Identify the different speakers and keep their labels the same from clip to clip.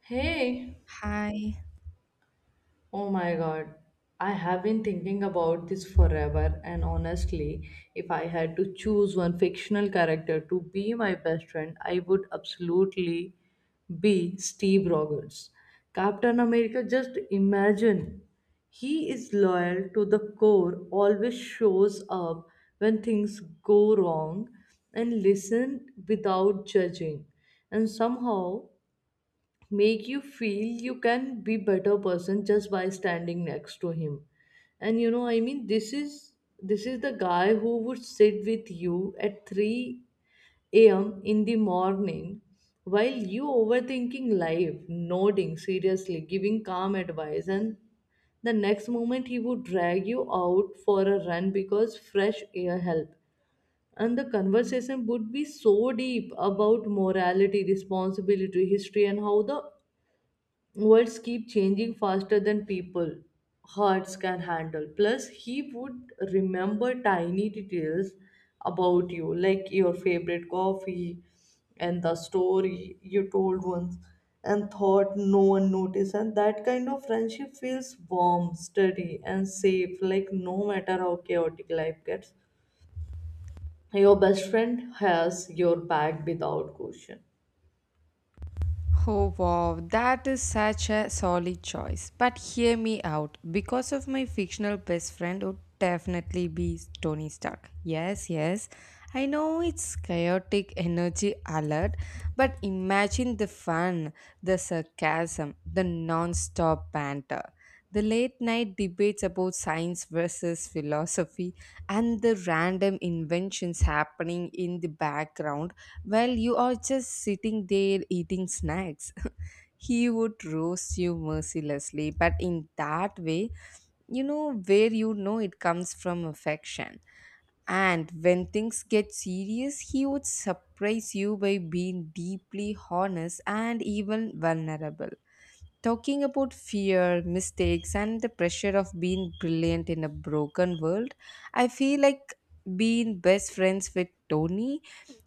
Speaker 1: Hey,
Speaker 2: Hi.
Speaker 1: oh my god. I have been thinking about this forever, and honestly, if I had to choose one fictional character to be my best friend, I would absolutely be Steve Rogers. Captain America, just imagine. He is loyal to the core, always shows up when things go wrong, and listen without judging. And somehow make you feel you can be better person just by standing next to him. And this is the guy who would sit with you at 3 a.m in the morning while you overthinking life, nodding seriously, giving calm advice. And the next moment he would drag you out for a run because fresh air help. And the conversation would be so deep about morality, responsibility, history, and how the worlds keep changing faster than people hearts can handle. Plus he would remember tiny details about you, like your favorite coffee and the story you told once and thought no one noticed. And that kind of friendship feels warm, steady, and safe, like no matter how chaotic life gets, your best friend has your back without question.
Speaker 2: Oh wow, that is such a solid choice. But hear me out. Because of my fictional best friend would definitely be Tony Stark. Yes. I know it's chaotic energy alert, but imagine the fun, the sarcasm, the non-stop banter. The late night debates about science versus philosophy and the random inventions happening in the background. Well, you are just sitting there eating snacks. He would roast you mercilessly, but in that way, you know where you know it comes from affection. And when things get serious, he would surprise you by being deeply honest and even vulnerable. Talking about fear, mistakes, and the pressure of being brilliant in a broken world, I feel like being best friends with Tony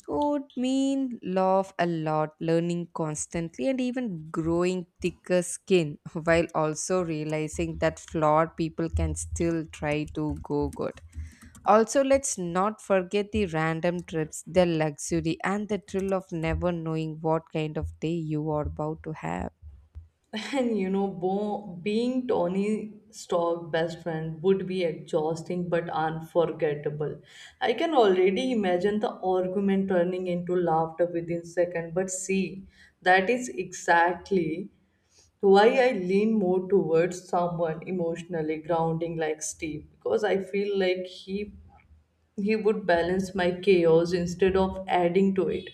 Speaker 2: would mean laugh a lot, learning constantly, and even growing thicker skin, while also realizing that flawed people can still try to go good. Also, let's not forget the random trips, the luxury, and the thrill of never knowing what kind of day you are about to have.
Speaker 1: And you know, Bo, being Tony Stark best friend would be exhausting but unforgettable. I can already imagine the argument turning into laughter within seconds. But see, that is exactly why I lean more towards someone emotionally grounding like Steve, because I feel like he would balance my chaos instead of adding to it.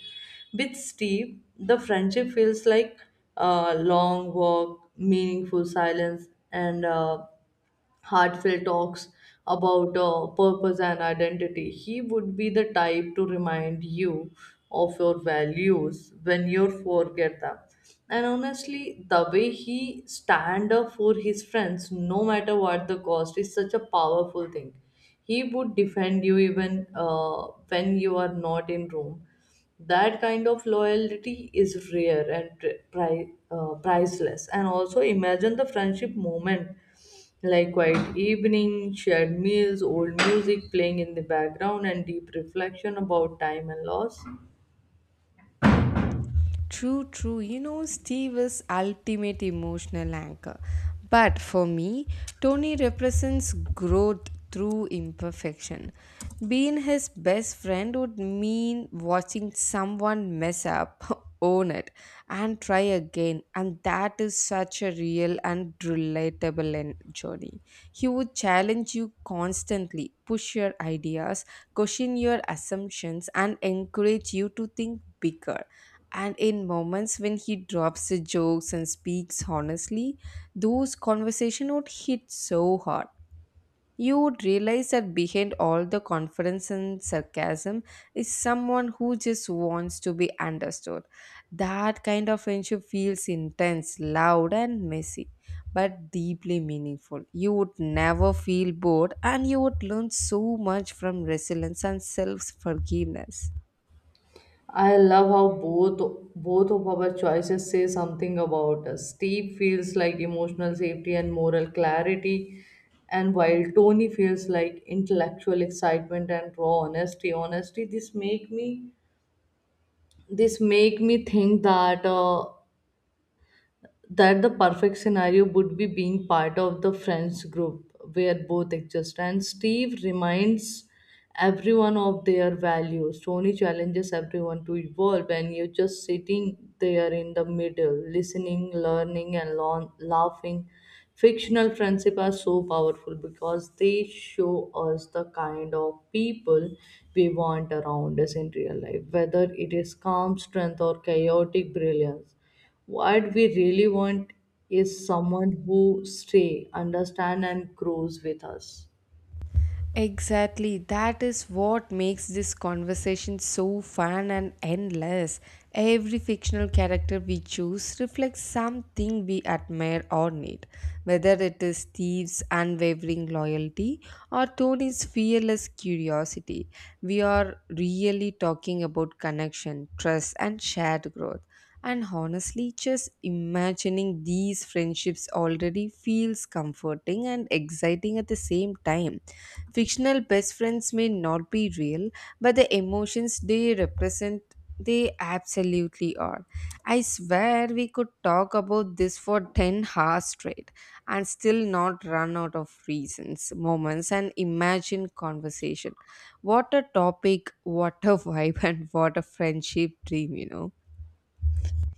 Speaker 1: With Steve, the friendship feels like a long walk, meaningful silence, and heartfelt talks about purpose and identity. He would be the type to remind you of your values when you forget them. And honestly, the way he stand up for his friends, no matter what the cost, is such a powerful thing. He would defend you even when you are not in room. That kind of loyalty is rare and priceless. And also imagine the friendship moment, like quiet evening, shared meals, old music playing in the background, and deep reflection about time and loss.
Speaker 2: True, true. You know, Steve is ultimate emotional anchor. But for me, Tony represents growth through imperfection. Being his best friend would mean watching someone mess up, own it, and try again. And that is such a real and relatable journey. He would challenge you constantly, push your ideas, question your assumptions, and encourage you to think bigger. And in moments when he drops the jokes and speaks honestly, those conversations would hit so hard. You would realize that behind all the confidence and sarcasm is someone who just wants to be understood. That kind of friendship feels intense, loud, and messy, but deeply meaningful. You would never feel bored, and you would learn so much from resilience and self forgiveness.
Speaker 1: I love how both of our choices say something about us. Steve feels like emotional safety and moral clarity, and while Tony feels like intellectual excitement and raw honesty. Honesty, this make me think that the perfect scenario would be being part of the friends group where both exist, and Steve reminds everyone of their values, Tony challenges everyone to evolve, and you're just sitting there in the middle listening, learning, and laughing. Fictional friendship are so powerful because they show us the kind of people we want around us in real life, whether it is calm strength or chaotic brilliance. What we really want is someone who stay, understand, and grows with us.
Speaker 2: Exactly. That is what makes this conversation so fun and endless. Every fictional character we choose reflects something we admire or need, whether it is Steve's unwavering loyalty or Tony's fearless curiosity. We are really talking about connection, trust, and shared growth. And honestly, just imagining these friendships already feels comforting and exciting at the same time. Fictional best friends may not be real, but the emotions they represent, they absolutely are. I swear we could talk about this for 10 hours straight and still not run out of reasons, moments, and imagined conversation. What a topic, what a vibe, and what a friendship dream, you know.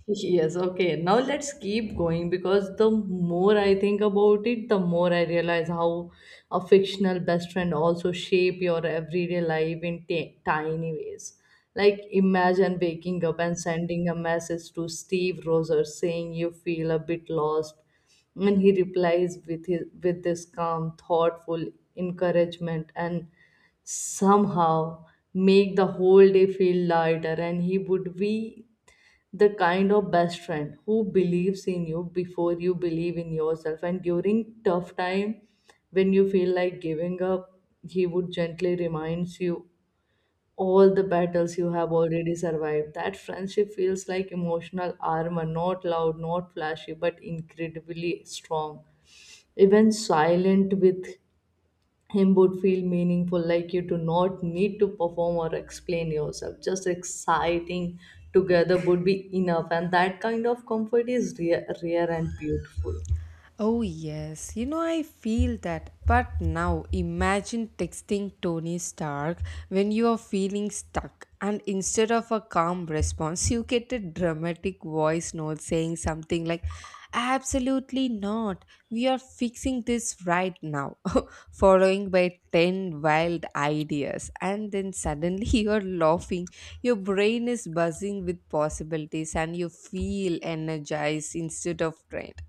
Speaker 1: Yes, okay. Now let's keep going, because the more I think about it, the more I realize how a fictional best friend also shape your everyday life in tiny ways. Like imagine waking up and sending a message to Steve Rogers saying you feel a bit lost, and he replies with this calm, thoughtful encouragement, and somehow make the whole day feel lighter. And he would be the kind of best friend who believes in you before you believe in yourself. And during tough time, when you feel like giving up, he would gently reminds you all the battles you have already survived. That friendship feels like emotional armor, not loud, not flashy, but incredibly strong. Even silent with him would feel meaningful, like you do not need to perform or explain yourself. Just exciting together would be enough, and that kind of comfort is rare, rare and beautiful.
Speaker 2: Oh, yes. You know, I feel that. But now imagine texting Tony Stark when you are feeling stuck, and instead of a calm response, you get a dramatic voice note saying something like, "Absolutely not. We are fixing this right now," following by 10 wild ideas. And then suddenly you're laughing. Your brain is buzzing with possibilities, and you feel energized instead of drained.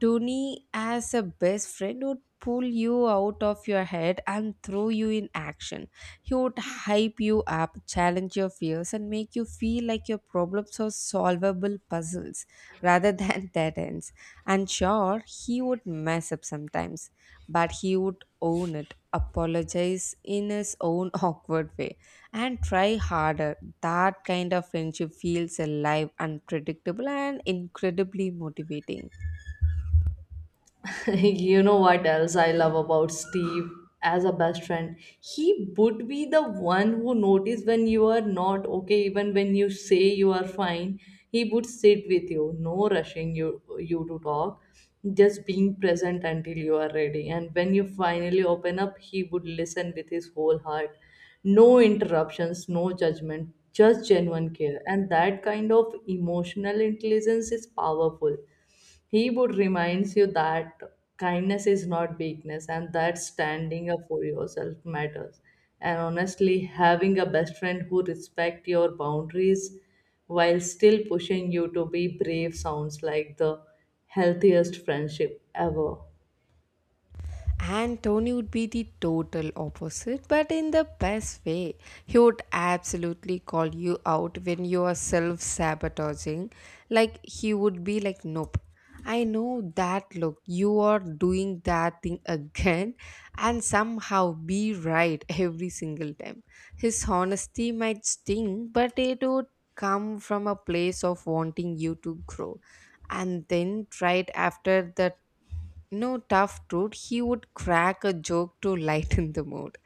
Speaker 2: Tony, as a best friend, would pull you out of your head and throw you in action. He would hype you up, challenge your fears, and make you feel like your problems are solvable puzzles rather than dead ends. And sure, he would mess up sometimes, but he would own it, apologize in his own awkward way, and try harder. That kind of friendship feels alive, unpredictable, and incredibly motivating.
Speaker 1: You know what else I love about Steve as a best friend? He would be the one who notice when you are not okay, even when you say you are fine. He would sit with you, no rushing you to talk, just being present until you are ready. And when you finally open up, he would listen with his whole heart. No interruptions, no judgment, just genuine care. And that kind of emotional intelligence is powerful. He would reminds you that kindness is not weakness, and that standing up for yourself matters. And honestly, having a best friend who respects your boundaries while still pushing you to be brave sounds like the healthiest friendship ever.
Speaker 2: And Tony would be the total opposite, but in the best way. He would absolutely call you out when you are self sabotaging. Like, he would be like, "Nope, I know that look, you are doing that thing again," and somehow be right every single time. His honesty might sting, but it would come from a place of wanting you to grow. And then, right after the no tough truth, he would crack a joke to lighten the mood.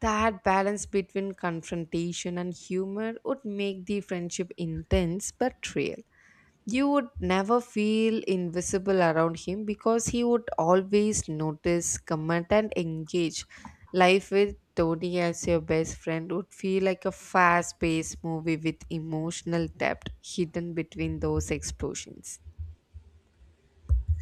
Speaker 2: That balance between confrontation and humor would make the friendship intense but real. You would never feel invisible around him because he would always notice, comment, and engage. Life with Tony as your best friend would feel like a fast paced movie with emotional depth hidden between those explosions.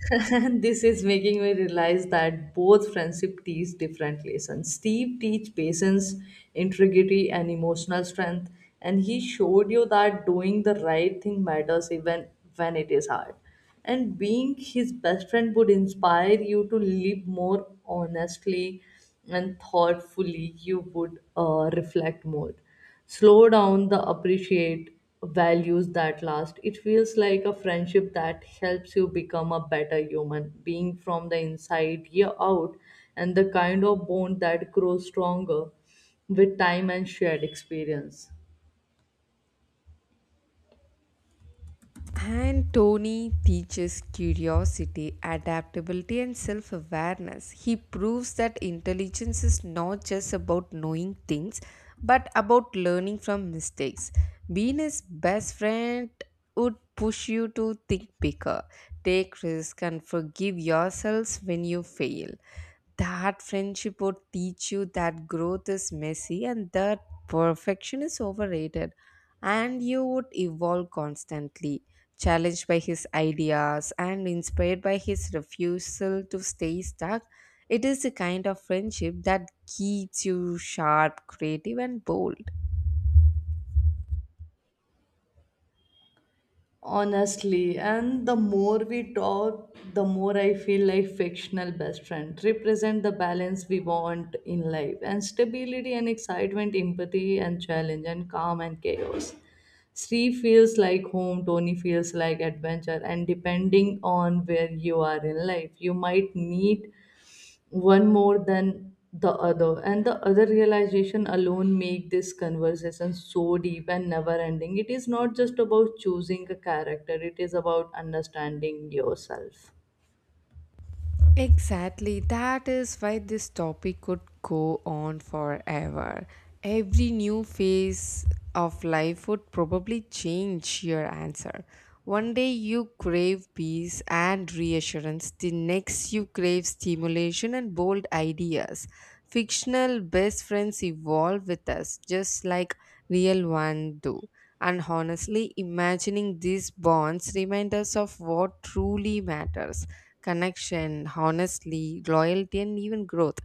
Speaker 1: This is making me realize that both friendship teach different lessons. Steve teach patience, integrity, and emotional strength, and he showed you that doing the right thing matters even when it is hard. And being his best friend would inspire you to live more honestly and thoughtfully. You would reflect more, slow down the appreciate values that last. It feels like a friendship that helps you become a better human being from the inside year out, and the kind of bond that grows stronger with time and shared experience.
Speaker 2: And Tony teaches curiosity, adaptability, and self awareness. He proves that intelligence is not just about knowing things, but about learning from mistakes. Being his best friend would push you to think bigger, take risks, and forgive yourselves when you fail. That friendship would teach you that growth is messy and that perfection is overrated, and you would evolve constantly, challenged by his ideas and inspired by his refusal to stay stuck. It is the kind of friendship that keeps you sharp, creative, and bold.
Speaker 1: Honestly, and the more we talk, the more I feel like fictional best friend represent the balance we want in life, and stability and excitement, empathy and challenge, and calm and chaos. Sri feels like home, Tony feels like adventure, and depending on where you are in life, you might need one more than the other. And the other realization alone make this conversation so deep and never ending. It is not just about choosing a character, it is about understanding yourself.
Speaker 2: Exactly. That is why this topic could go on forever. Every new phase of life would probably change your answer. One day you crave peace and reassurance, the next you crave stimulation and bold ideas. Fictional best friends evolve with us just like real ones do. And honestly, imagining these bonds remind us of what truly matters: connection, honestly, loyalty, and even growth.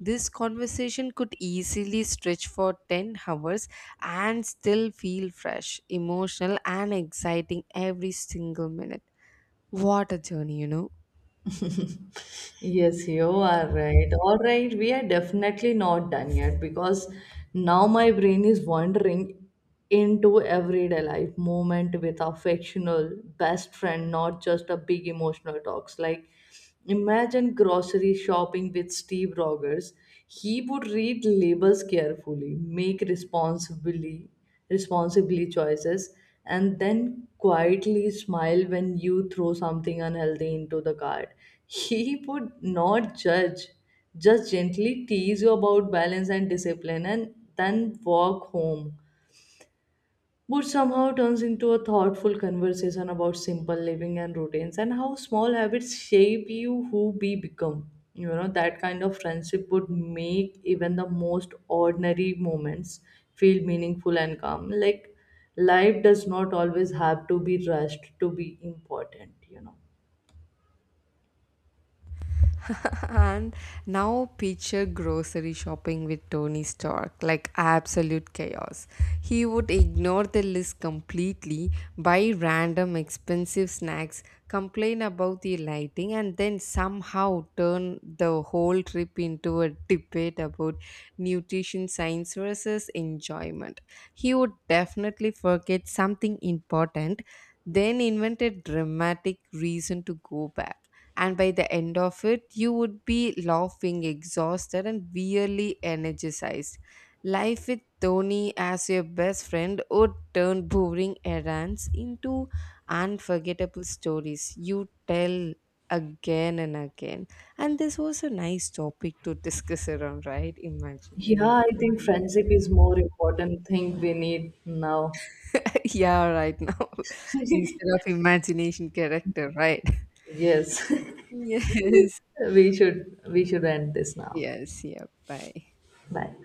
Speaker 2: This conversation could easily stretch for 10 hours and still feel fresh, emotional, and exciting every single minute. What a journey, you know.
Speaker 1: Yes, you are right. All right, we are definitely not done yet, because now my brain is wandering into everyday life moment with our fictional best friend, not just a big emotional talks. Like, imagine grocery shopping with Steve Rogers. He would read labels carefully, make responsibly choices, and then quietly smile when you throw something unhealthy into the cart. He would not judge, just gently tease you about balance and discipline, and then walk home, which somehow turns into a thoughtful conversation about simple living and routines and how small habits shape you who we become. You know, that kind of friendship would make even the most ordinary moments feel meaningful and calm. Like, life does not always have to be rushed to be important, you know.
Speaker 2: And now picture grocery shopping with Tony Stark, like absolute chaos. He would ignore the list completely, buy random expensive snacks, complain about the lighting, and then somehow turn the whole trip into a debate about nutrition science versus enjoyment. He would definitely forget something important, then invent a dramatic reason to go back, and by the end of it you would be laughing, exhausted, and really energized. Life with Tony as your best friend would turn boring errands into unforgettable stories you tell again and again. And this was a nice topic to discuss around, right?
Speaker 1: Yeah,
Speaker 2: Imaginary.
Speaker 1: I think
Speaker 2: Yeah.
Speaker 1: friendship is more important thing we need now.
Speaker 2: Yeah, right now. Instead of imagination character, right?
Speaker 1: Yes.
Speaker 2: Yes.
Speaker 1: We should end this now.
Speaker 2: Yes yeah, bye.
Speaker 1: Bye.